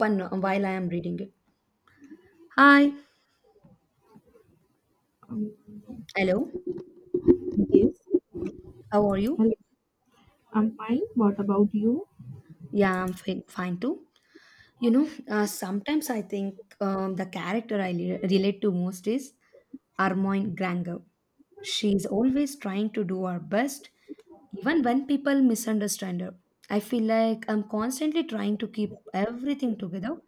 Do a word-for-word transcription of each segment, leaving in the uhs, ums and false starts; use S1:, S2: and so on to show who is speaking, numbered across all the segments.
S1: One while I am reading it. Hi,
S2: Um,
S1: hello,
S2: yes.
S1: how are you?
S2: Hello. I'm fine. What about you?
S1: Yeah, I'm fine, fine too. You know, uh, sometimes I think um, the character I le- relate to most is Armoine Granger. She's always trying to do her best, even when people misunderstand her. I feel like I'm constantly trying to keep everything together,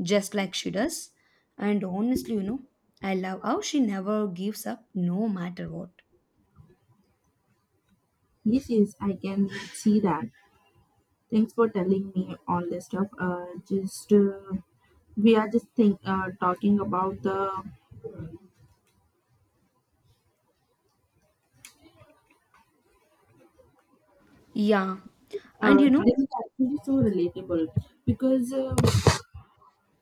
S1: just like she does. And honestly, you know, I love how she never gives up no matter what.
S2: Yes, yes, I can see that. Thanks for telling me all this stuff. Uh, just uh, we are just think uh, talking about the
S1: Yeah.
S2: uh,
S1: And you know,
S2: This is actually so relatable because uh,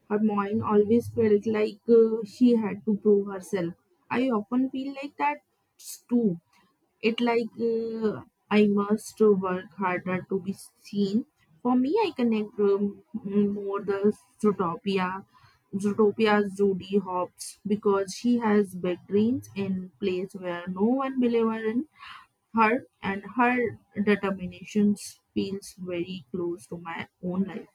S2: her mind always felt like uh, she had to prove herself. I often feel like that too. It like uh, I must work harder to be seen. For me, I connect um, more the Zootopia, Zootopia Judy Hopps because she has big dreams in place where no one believes in her, and her determination feels very close to my own life.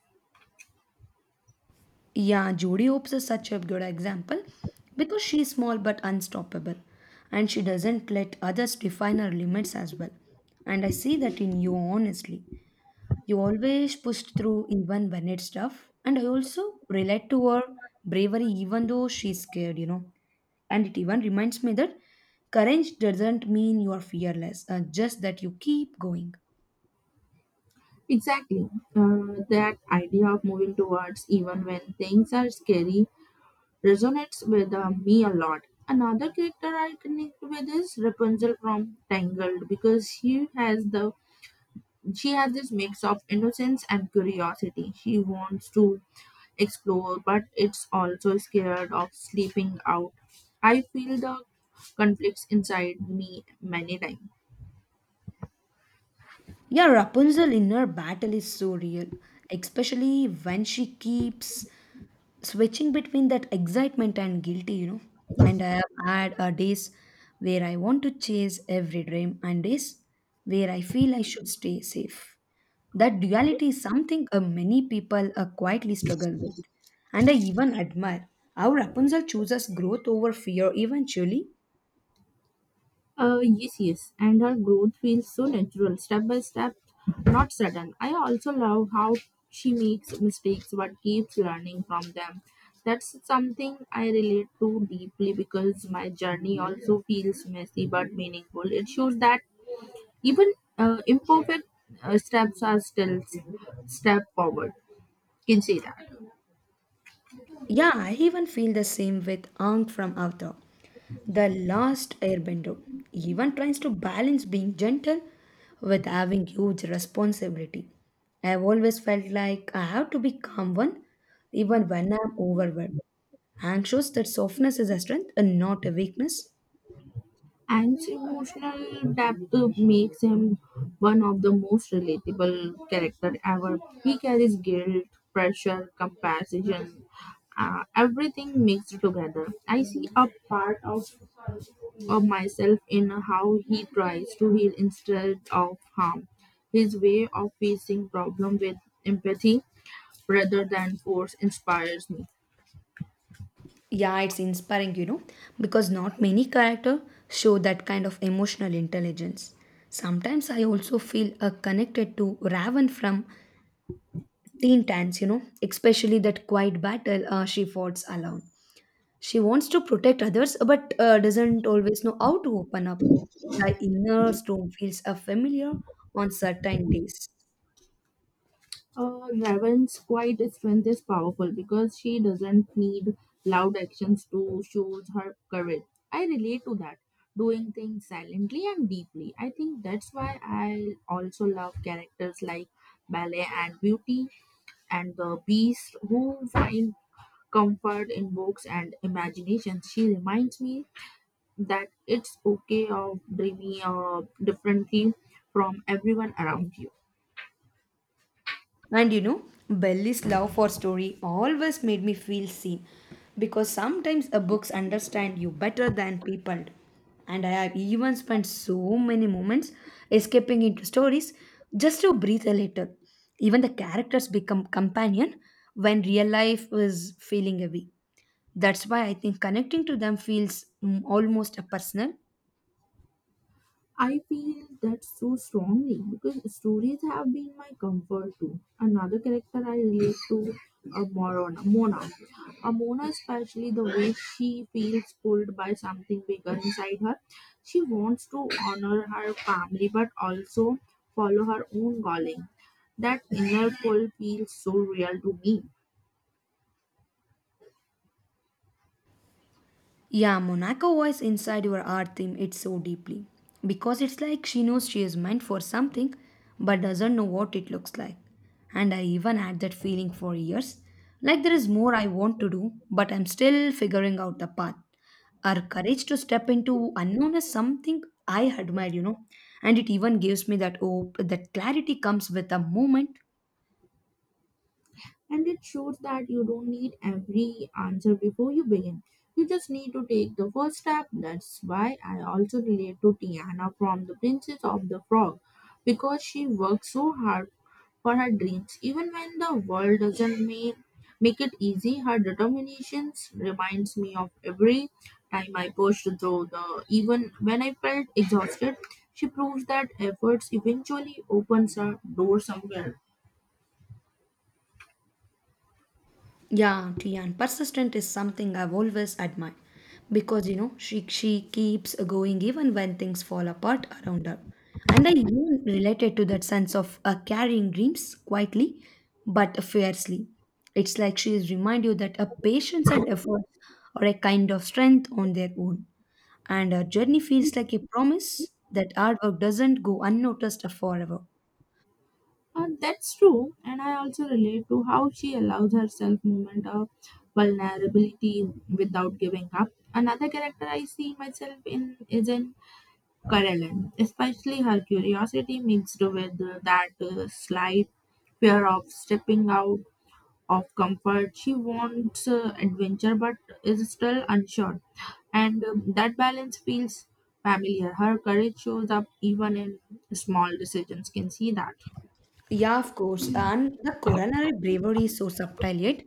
S1: yeah, Jodie Hopes is such a good example because she is small but unstoppable, and she doesn't let others define her limits as well. And I see that in you, honestly. You always pushed through even when it's tough. And I also relate to her bravery even though she's scared, you know. And it even reminds me that courage doesn't mean you are fearless, uh, just that you keep going.
S2: Exactly, uh, that idea of moving towards even when things are scary resonates with uh, me a lot. Another character I connect with is Rapunzel from Tangled because she has the she has this mix of innocence and curiosity. She wants to explore, but it's also scared of sleeping out. I feel the conflicts inside me many times.
S1: Yeah, Rapunzel in her battle is so real, especially when she keeps switching between that excitement and guilty, you know. And I have had uh, days where I want to chase every dream, and days where I feel I should stay safe. That duality is something uh, many people uh, quietly struggle with. And I even admire how Rapunzel chooses growth over fear eventually.
S2: Uh, yes, yes, and her growth feels so natural, step by step, not sudden. I also love how she makes mistakes but keeps learning from them. That's something I relate to deeply because my journey also feels messy but meaningful. It shows that even uh, imperfect uh, steps are still s- step forward. Can say that.
S1: Yeah, I even feel the same with Aang from Avatar. The last airbender even tries to balance being gentle with having huge responsibility. I have always felt like I have to be calm one, even when I'm overwhelmed. Anxious that softness is a strength and not a weakness.
S2: Anti-emotional depth makes him one of the most relatable character ever. He carries guilt, pressure, compassion, uh, everything mixed together. I see a part of, of myself in how he tries to heal instead of harm. His way of facing problem with empathy rather than force inspires me.
S1: Yeah, it's inspiring, you know, because not many characters show that kind of emotional intelligence. Sometimes I also feel uh, connected to Raven from Teen Titans, you know, especially that quiet battle uh, she fought alone. She wants to protect others, but uh, doesn't always know how to open up. The inner storm feels uh, familiar on certain days.
S2: Uh, Raven's quiet strength is powerful because she doesn't need loud actions to show her courage. I relate to that, doing things silently and deeply. I think that's why I also love characters like Ballet and Beauty and the Beast who find comfort in books and imagination. She reminds me that it's okay of dreaming uh, differently from everyone around you.
S1: And you know, Belly's love for story always made me feel seen, because sometimes uh, books understand you better than people. And I have even spent so many moments escaping into stories just to breathe a little. Even the characters become companion when real life is feeling heavy. That's why I think connecting to them feels mm, almost a personal.
S2: I feel that so strongly because stories have been my comfort too. Another character I relate to, a Morona, Mona. A Mona, especially the way she feels pulled by something bigger inside her. She wants to honor her family but also follow her own calling. That inner pull feels so real to me.
S1: Yeah, Monaco voice inside your art theme it so deeply because it's like she knows she is meant for something but doesn't know what it looks like. And I even had that feeling for years, like there is more I want to do, but I'm still figuring out the path. Her courage to step into unknown is something I admire, you know, and it even gives me that hope that clarity comes with a moment.
S2: And it shows that you don't need every answer before you begin. You just need to take the first step. That's why I also relate to Tiana from The Princess of the Frog because she worked so hard for her dreams. Even when the world doesn't make, make it easy, her determination reminds me of every time I pushed through the even when I felt exhausted. She proves that efforts eventually opens a door somewhere.
S1: Yeah, auntie, and persistent is something I've always admired, because you know, she she keeps going even when things fall apart around her. And I even related to that sense of uh, carrying dreams quietly but fiercely. It's like she is remind you that a patience and effort are a kind of strength on their own, and her journey feels like a promise that hard work doesn't go unnoticed forever.
S2: Uh, that's true, and I also relate to how she allows herself moment of vulnerability without giving up. Another character I see myself in is in Carolyn, especially her curiosity mixed with uh, that uh, slight fear of stepping out of comfort. She wants uh, adventure but is still unsure, and um, that balance feels familiar. Her courage shows up even in small decisions. Can see that.
S1: Yeah, of course. And the coronary bravery is so subtle yet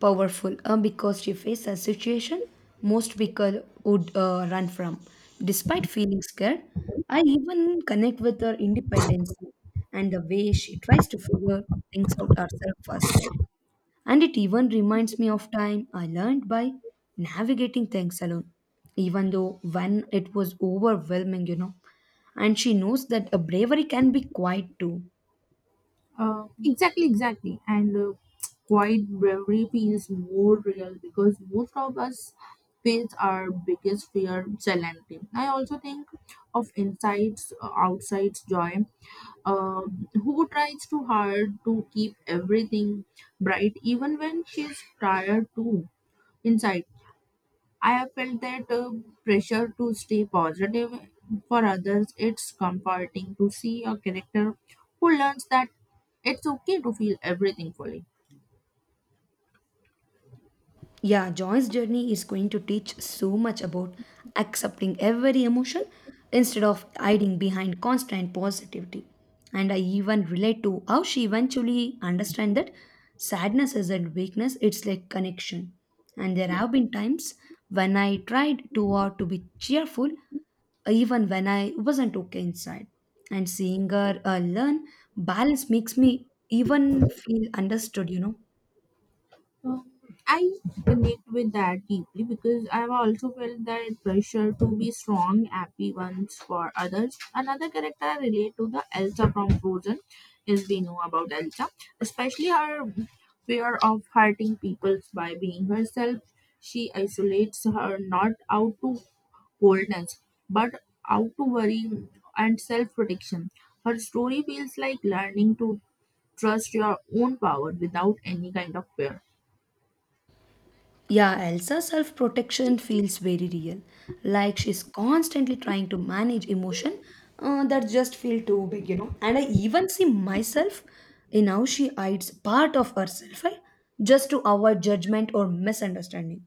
S1: powerful uh, because she faced a situation most people would uh, run from. Despite feeling scared, I even connect with her independence and the way she tries to figure things out herself first. And it even reminds me of time I learned by navigating things alone, even though when it was overwhelming, you know. And she knows that a bravery can be quiet too.
S2: Uh, exactly, exactly. And uh, quiet bravery feels more real because most of us face our biggest fear silently. I also think of insights uh, outside joy, uh, who tries too hard to keep everything bright even when she's tired too inside. I have felt that uh, pressure to stay positive for others. It's comforting to see a character who learns that it's okay to feel everything fully.
S1: Yeah, Joy's journey is going to teach so much about accepting every emotion instead of hiding behind constant positivity. And I even relate to how she eventually understand that sadness isn't weakness, it's like connection. And there have been times when I tried too hard to be cheerful, even when I wasn't okay inside. And seeing her uh, learn balance makes me even feel understood, you know.
S2: Uh, I connect with that deeply because I've also felt that pressure to be strong, happy ones for others. Another character I relate to the Elsa from Frozen is we know about Elsa, especially her fear of hurting people by being herself. She isolates her not out to coldness, but out to worry and self protection. Her story feels like learning to trust your own power without any kind of fear.
S1: Yeah, Elsa's self protection feels very real. Like she's constantly trying to manage emotion uh, that just feel too big, you know. And I even see myself in how she hides part of herself, right? Just to avoid judgment or misunderstanding.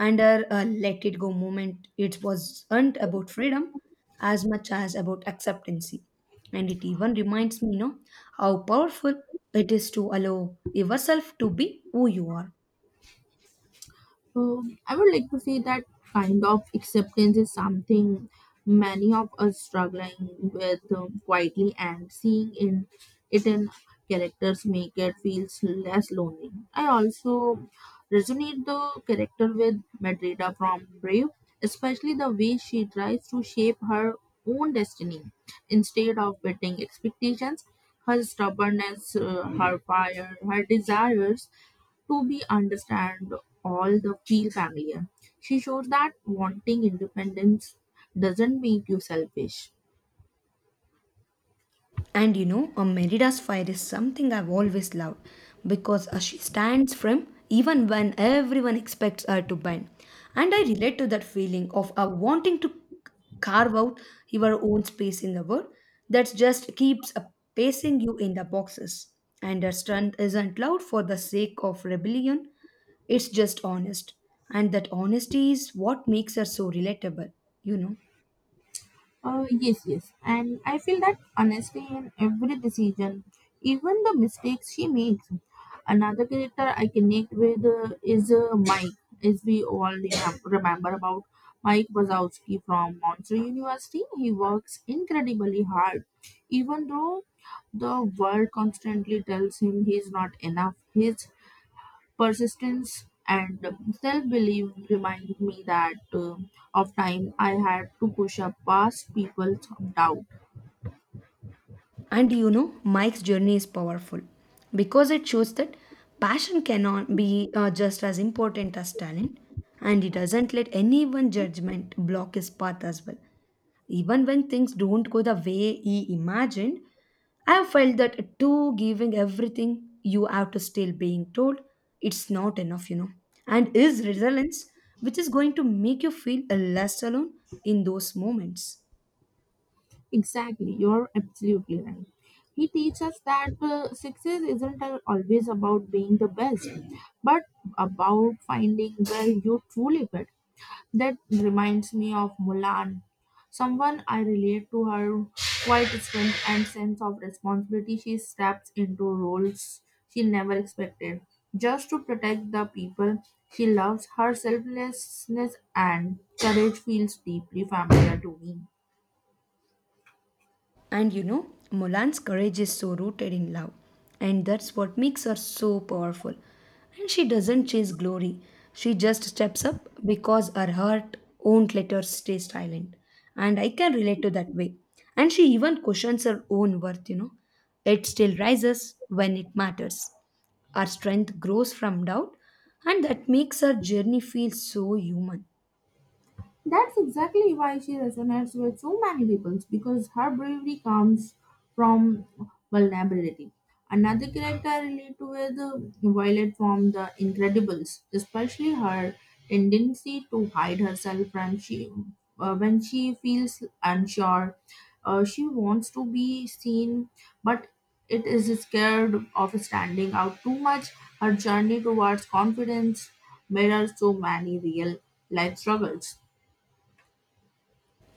S1: And her uh, let it go moment, it wasn't about freedom as much as about acceptancy. And it even reminds me, you know, how powerful it is to allow yourself to be who you are.
S2: Um, I would like to say that kind of acceptance is something many of us struggling with um, quietly and seeing in it in characters make it feels less lonely. I also resonate the character with Madrida from Brave, especially the way she tries to shape her own destiny instead of meeting expectations. Her stubbornness, uh, her fire, her desires to be understand all the Keel family. She shows that wanting independence doesn't make you selfish.
S1: And you know, a Merida's fire is something I've always loved because uh, she stands firm even when everyone expects her to bend. And I relate to that feeling of uh, wanting to carve out your own space in the world that just keeps uh, pacing you in the boxes. And her strength isn't loud for the sake of rebellion, it's just honest. And that honesty is what makes her so relatable, you know.
S2: Uh, yes, yes. And I feel that honestly in every decision, even the mistakes she makes. Another character I connect with uh, is uh, Mike, as we all remem- remember about Mike Wazowski from Monster University. He works incredibly hard, even though the world constantly tells him he's not enough. His persistence and self-belief reminded me that uh, of time I had to push up past people's doubt.
S1: And you know, Mike's journey is powerful because it shows that passion cannot be uh, just as important as talent, and he doesn't let anyone's judgment block his path as well. Even when things don't go the way he imagined, I have felt that too, giving everything you have to still being told it's not enough, you know. And is resilience, which is going to make you feel less alone in those moments.
S2: Exactly, you're absolutely right. He teaches us that uh, success isn't al- always about being the best but about finding where you truly fit. That reminds me of Mulan, someone I relate to her quiet strength and sense of responsibility. She steps into roles she never expected just to protect the people she loves. Her selflessness and courage feels deeply familiar to me.
S1: And you know, Mulan's courage is so rooted in love, and that's what makes her so powerful. And she doesn't chase glory, she just steps up because her heart won't let her stay silent. And I can relate to that way. And she even cushions her own worth, you know. It still rises when it matters. Our strength grows from doubt, and that makes her journey feel so human.
S2: That's exactly why she resonates with so many people because her bravery comes from vulnerability. Another character I relate to is uh, Violet from The Incredibles, especially her tendency to hide herself when she uh, when she feels unsure. Uh, she wants to be seen, but it is scared of standing out too much. Her journey towards confidence mirrors so many real life struggles.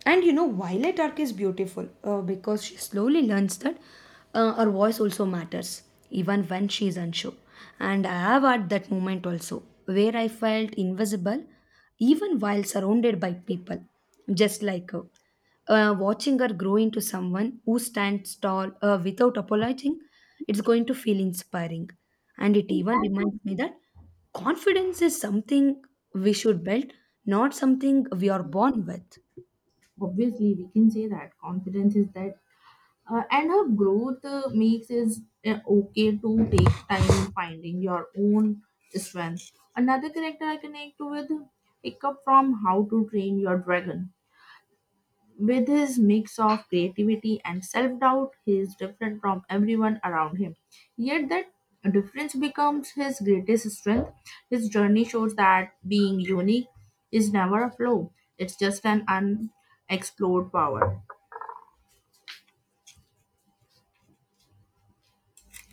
S1: And you know, Violet Arc is beautiful uh, because she slowly learns that uh, her voice also matters, even when she is unsure. And I have had that moment also, where I felt invisible, even while surrounded by people, just like her. Uh, watching her grow into someone who stands tall uh, without apologizing, it's going to feel inspiring. And it even
S2: Exactly.
S1: reminds me that confidence is something we should build, not something we are born with.
S2: Obviously, we can say that confidence is that, uh, and her growth uh, makes is uh, okay to take time finding your own strength. Another character I connect with, pick up from How to Train Your Dragon. With his mix of creativity and self doubt, he is different from everyone around him. Yet, that difference becomes his greatest strength. His journey shows that being unique is never a flaw, it's just an unexplored power.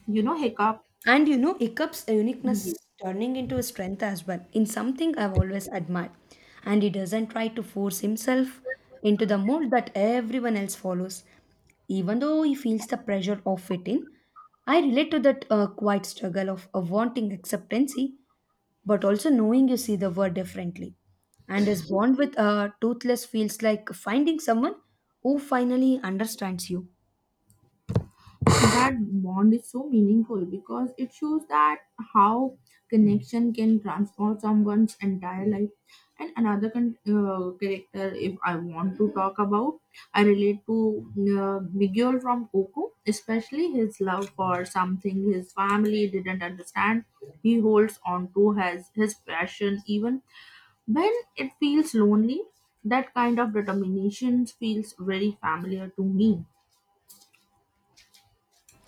S2: You know Hiccup?
S1: And you know, Ikup's uniqueness turning into a strength as well, in something I've always admired. And he doesn't try to force himself into the mold that everyone else follows. Even though he feels the pressure of fitting, I relate to that uh, quiet struggle of, of wanting acceptancy, but also knowing you see the world differently. And his bond with uh, Toothless feels like finding someone who finally understands you.
S2: That bond is so meaningful because it shows that how connection can transform someone's entire life. And another con- uh, character, if I want to talk about, I relate to uh, Miguel from Coco, especially his love for something his family didn't understand. He holds on to his his passion even when it feels lonely. That kind of determination feels very familiar to me.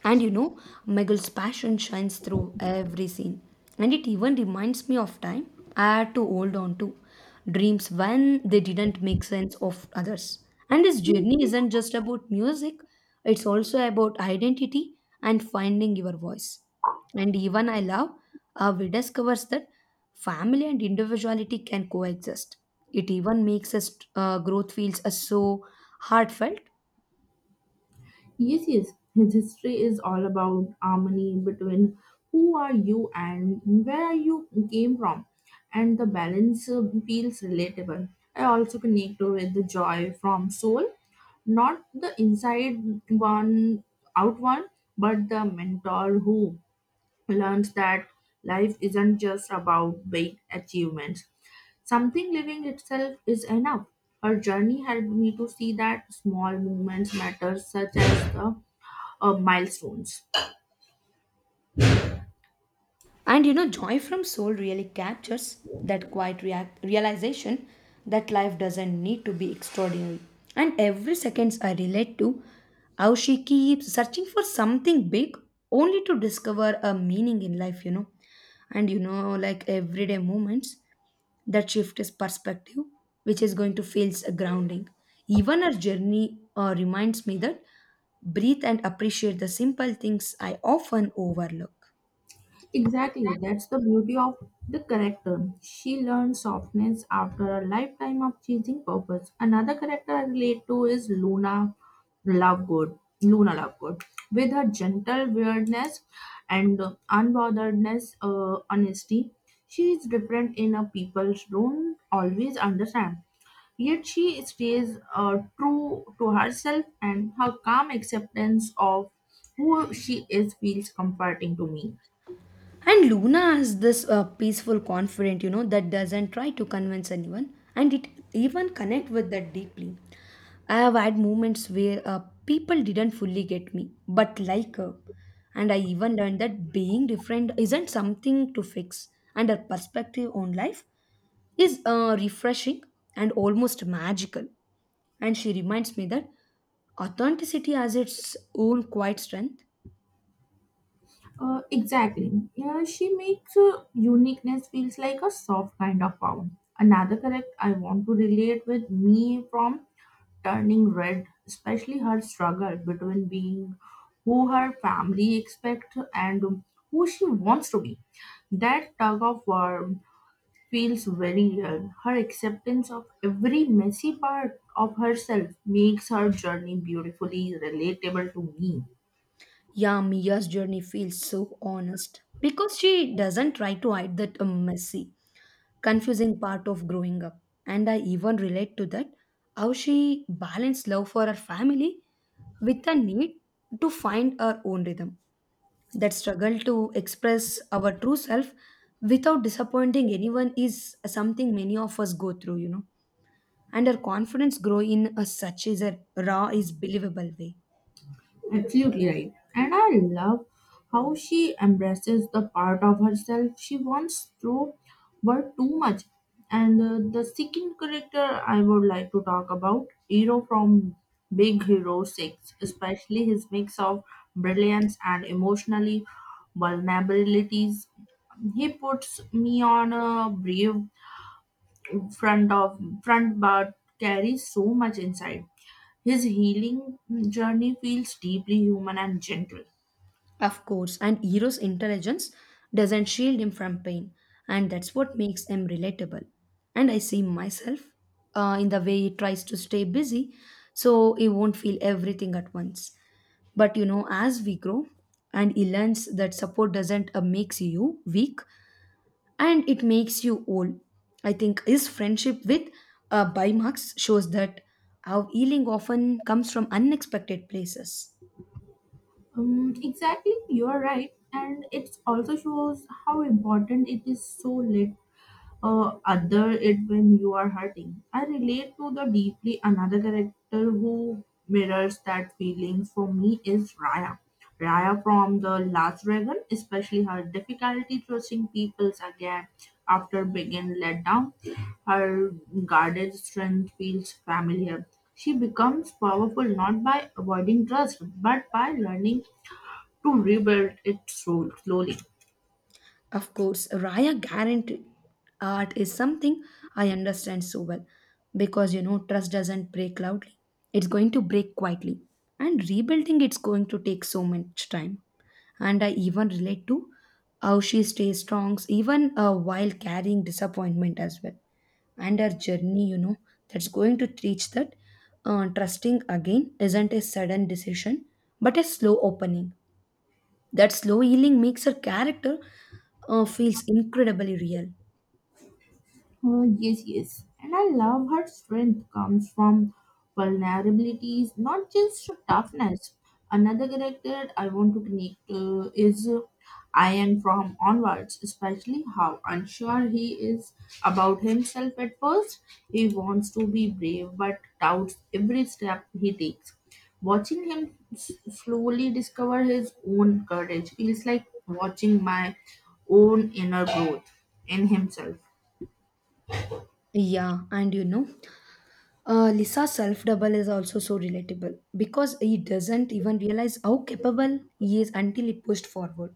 S1: And you know, Meghal's passion shines through every scene. And it even reminds me of time I had to hold on to. Dreams when they didn't make sense of others. And his journey isn't just about music, it's also about identity and finding your voice. And even I love how he discovers that family and individuality can coexist. It even makes us uh, growth feels uh, so heartfelt.
S2: Yes, yes. His history is all about harmony between who are you and where you came from, and the balance uh, feels relatable. I also connect with the joy from soul, not the inside one, out one, but the mentor who learns that life isn't just about big achievements. Something living itself is enough. Her journey helped me to see that small movements matter, such as the uh, milestones.
S1: And you know, Joy from Soul really captures that quiet react- realization that life doesn't need to be extraordinary. And every seconds I relate to how she keeps searching for something big only to discover a meaning in life, you know. And you know, like everyday moments that shift his perspective, which is going to feel s- grounding. Even her journey uh, reminds me that breathe and appreciate the simple things I often overlook.
S2: Exactly, that's the beauty of the character. She learns softness after a lifetime of chasing purpose. Another character I relate to is Luna Lovegood. Luna Lovegood, with her gentle weirdness and uh, unbotheredness, uh, honesty, she is different in a people don't always understand. Yet she stays uh, true to herself, and her calm acceptance of who she is feels comforting to me.
S1: And Luna has this uh, peaceful confident, you know, that doesn't try to convince anyone, and it even connect with that deeply. I have had moments where uh, people didn't fully get me, but like her, and I even learned that being different isn't something to fix, and her perspective on life is uh, refreshing and almost magical. And she reminds me that authenticity has its own quiet strength.
S2: Uh, exactly. Yeah, she makes uh, uniqueness feels like a soft kind of power. Another correct I want to relate with me from turning red, especially her struggle between being who her family expect and who she wants to be. That tug of war feels very real. Her acceptance of every messy part of herself makes her journey beautifully relatable to me.
S1: Yeah, Mia's journey feels so honest because she doesn't try to hide that um, messy, confusing part of growing up. And I even relate to that how she balanced love for her family with a need to find her own rhythm. That struggle to express our true self without disappointing anyone is something many of us go through, you know. And her confidence grow in a such is a raw is believable way.
S2: Absolutely right. And I love how she embraces the part of herself she once threw were too much. And uh, the second character I would like to talk about, Hero from Big Hero six, especially his mix of brilliance and emotionally vulnerabilities. He puts me on a brief front of front but carries so much inside. His healing journey feels deeply human and gentle.
S1: Of course, and Hero's intelligence doesn't shield him from pain, and that's what makes him relatable. And I see myself uh, in the way he tries to stay busy so he won't feel everything at once. But you know, as we grow and he learns that support doesn't uh, makes you weak, and it makes you whole. I think his friendship with uh, Bimax shows that how healing often comes from unexpected places.
S2: Um, exactly, you are right, and it also shows how important it is so uh, other it when you are hurting. I relate to the deeply another character who mirrors that feeling for me is Raya. Raya from the Last Dragon, especially her difficulty trusting people again after being let down. Her guarded strength feels familiar. She becomes powerful not by avoiding trust but by learning to rebuild it so slowly.
S1: Of course, Raya guarantee art is something I understand so well because you know, trust doesn't break loudly. It's going to break quietly, and rebuilding it's going to take so much time. And I even relate to how she stays strong even uh, while carrying disappointment as well. And her journey, you know, that's going to teach that uh, trusting again isn't a sudden decision but a slow opening. That slow healing makes her character uh, feels incredibly real.
S2: Oh, yes, yes. And I love her strength comes from vulnerabilities, not just toughness. Another character I want to connect to is uh, Ian from Onwards, especially how unsure he is about himself at first. He wants to be brave but doubts every step he takes. Watching him s- slowly discover his own courage feels like watching my own inner growth in himself.
S1: Yeah, and you know, uh, Lisa's self double is also so relatable because he doesn't even realize how capable he is until he pushed forward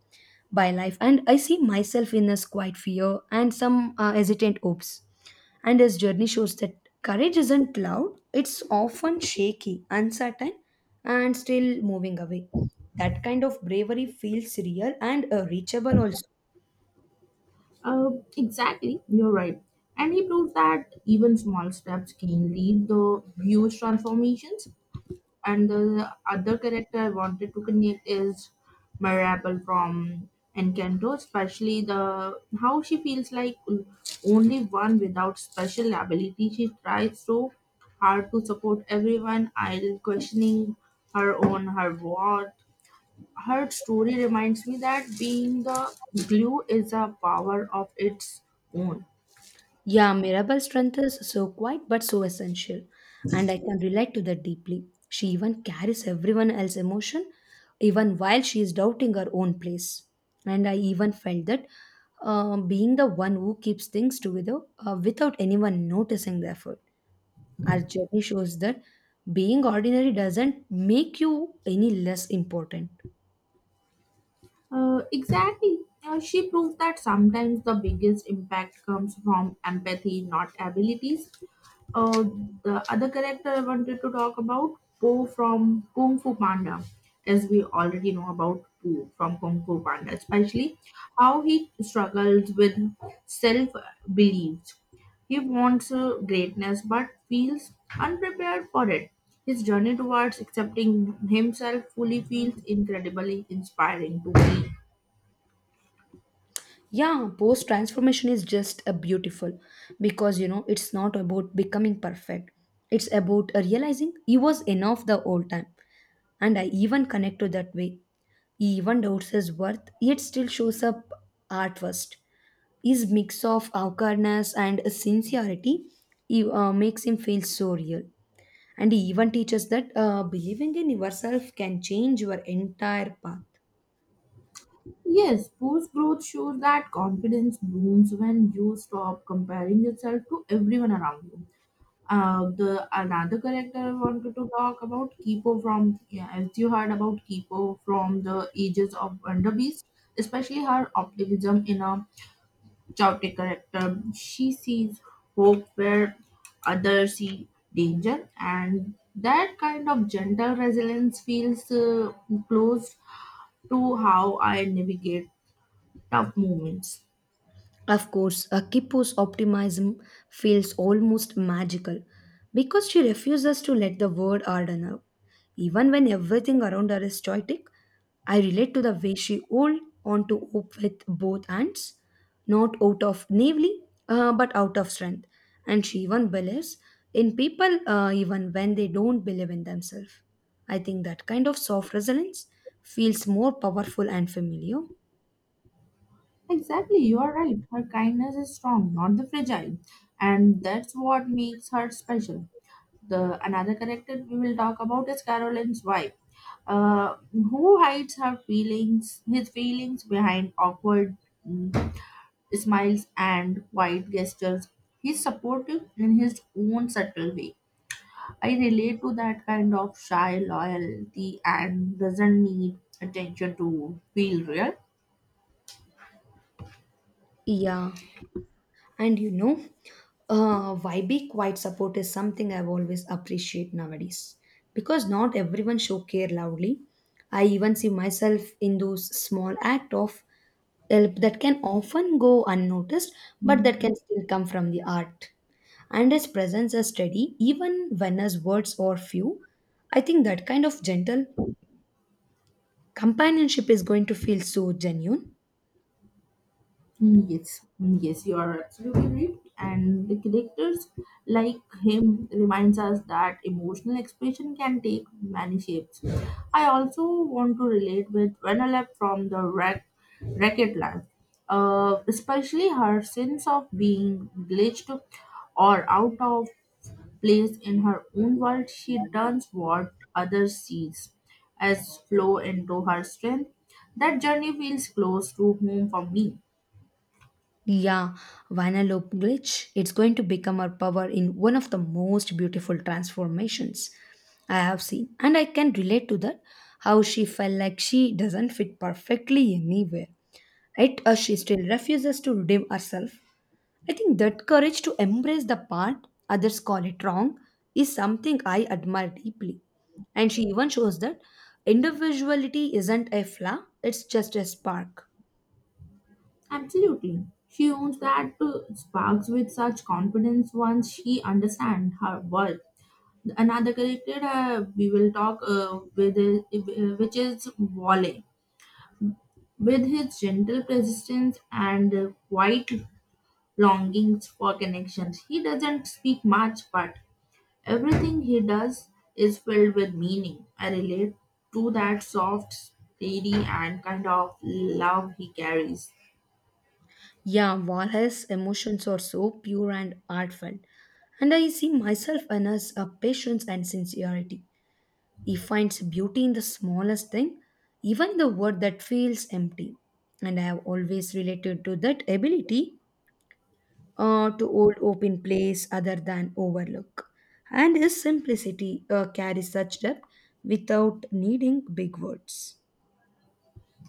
S1: by life. And I see myself in his quiet fear and some uh, hesitant hopes. And his journey shows that courage isn't loud, it's often shaky, uncertain, and still moving away. That kind of bravery feels real and uh, reachable also.
S2: Uh, exactly, you're right. And he proved that even small steps can lead the huge transformations. And the other character I wanted to connect is Mirabel from Encanto, especially the how she feels like only one without special ability. She tries so hard to support everyone, idle questioning her own her worth. Her story reminds me that being the glue is a power of its own.
S1: Yeah, Mirabelle's strength is so quiet but so essential, and I can relate to that deeply. She even carries everyone else's emotion, even while she is doubting her own place. And I even felt that uh, being the one who keeps things together uh, without anyone noticing the effort. Our journey shows that being ordinary doesn't make you any less important.
S2: Uh, exactly. Uh, she proved that sometimes the biggest impact comes from empathy, not abilities. Uh, the other character I wanted to talk about, Po from Kung Fu Panda, as we already know about Po from Kung Fu Panda, especially how he struggles with self beliefs. He wants uh, greatness but feels unprepared for it. His journey towards accepting himself fully feels incredibly inspiring to me.
S1: Yeah, post transformation is just a beautiful because you know it's not about becoming perfect. It's about uh, realizing he was enough the whole time. And I even connect to that way. He even doubts his worth, yet still shows up at first. His mix of awkwardness and sincerity he, uh, makes him feel so real. And he even teaches that uh, believing in yourself can change your entire path.
S2: Yes, post growth shows that confidence blooms when you stop comparing yourself to everyone around you. Uh, the another character I wanted to talk about Kipo from yeah, as you heard about Kipo from the ages of Wonder Beast, especially her optimism in a chaotic character. She sees hope where others see danger, and that kind of gentle resilience feels uh, close to how I navigate tough moments.
S1: Of course, Akipo's optimism feels almost magical because she refuses to let the word harden her. Even when everything around her is chaotic, I relate to the way she holds on to hope with both hands, not out of naively, uh, but out of strength. And she even believes in people uh, even when they don't believe in themselves. I think that kind of soft resilience feels more powerful and familiar.
S2: Exactly, you are right. Her kindness is strong, not the fragile, and that's what makes her special. The another character we will talk about is Caroline's wife, uh, who hides her feelings, his feelings behind awkward mm, smiles and quiet gestures. He's supportive in his own subtle way. I relate to that kind of shy loyalty and doesn't need attention to feel real.
S1: Yeah. And you know, uh, be quiet support is something I've always appreciate, nowadays because not everyone show care loudly. I even see myself in those small act of help that can often go unnoticed, but that can still come from the heart. And his presence is steady, even when his words are few. I think that kind of gentle companionship is going to feel so genuine.
S2: Yes, yes, you are absolutely right. And the characters like him reminds us that emotional expression can take many shapes. I also want to relate with Vanellope from the wreck, Racket Life, uh, especially her sense of being glitched or out of place in her own world. She turns what others sees as flow into her strength. That journey feels close to home for me.
S1: Yeah, Vanellope glitch. It's going to become our power in one of the most beautiful transformations I have seen. And I can relate to that how she felt like she doesn't fit perfectly anywhere. Yet uh, she still refuses to redeem herself. I think that courage to embrace the part others call it wrong is something I admire deeply. And she even shows that individuality isn't a flaw, it's just a spark.
S2: Absolutely. She owns that uh, sparks with such confidence once she understands her worth. Another character uh, we will talk uh, with, is- uh, which is Wally. With his gentle persistence and uh, quiet longings for connections, he doesn't speak much, but everything he does is filled with meaning. I relate to that soft, steady, and kind of love he carries.
S1: Yeah, Valhalla's emotions are so pure and heartfelt. And I see myself in his uh, patience and sincerity. He finds beauty in the smallest thing, even the word that feels empty. And I have always related to that ability uh, to hold open place other than overlook. And his simplicity uh, carries such depth without needing big words.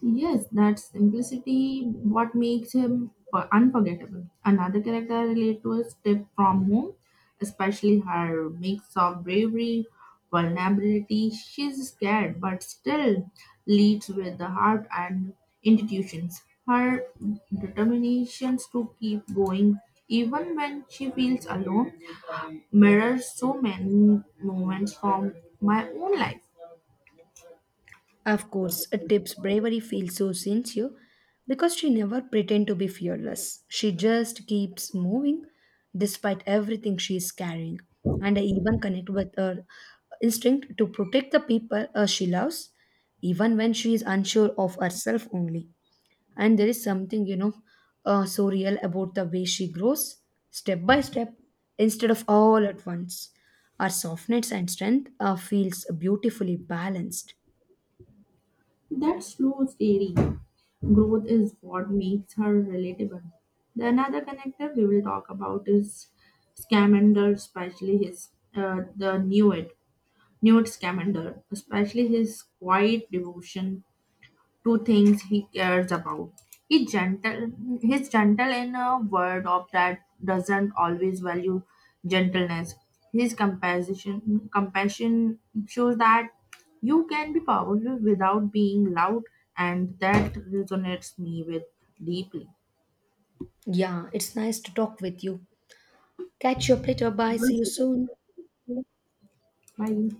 S2: Yes, that simplicity what makes him for- unforgettable. Another character I relate to is Tip from Home, especially her mix of bravery, vulnerability. She's scared but still leads with the heart and institutions. Her determination to keep going even when she feels alone mirrors so many moments from my own life.
S1: Of course, a tip's bravery feels so sincere because she never pretends to be fearless. She just keeps moving despite everything she is carrying. And I even connect with her instinct to protect the people uh, she loves, even when she is unsure of herself only. And there is something, you know, uh, so real about the way she grows step by step instead of all at once. Her softness and strength uh, feels beautifully balanced.
S2: That slow, steady growth is what makes her relatable. The another connector we will talk about is Scamander, especially his uh, the Newt Newt Scamander, especially his quiet devotion two things he cares about. He gentle he's gentle in a world of that doesn't always value gentleness. His compassion compassion shows that you can be powerful without being loud and that resonates me with deeply.
S1: Yeah, it's nice to talk with you. Catch your platter. Bye.
S2: It
S1: See you
S2: was
S1: soon.
S2: bye.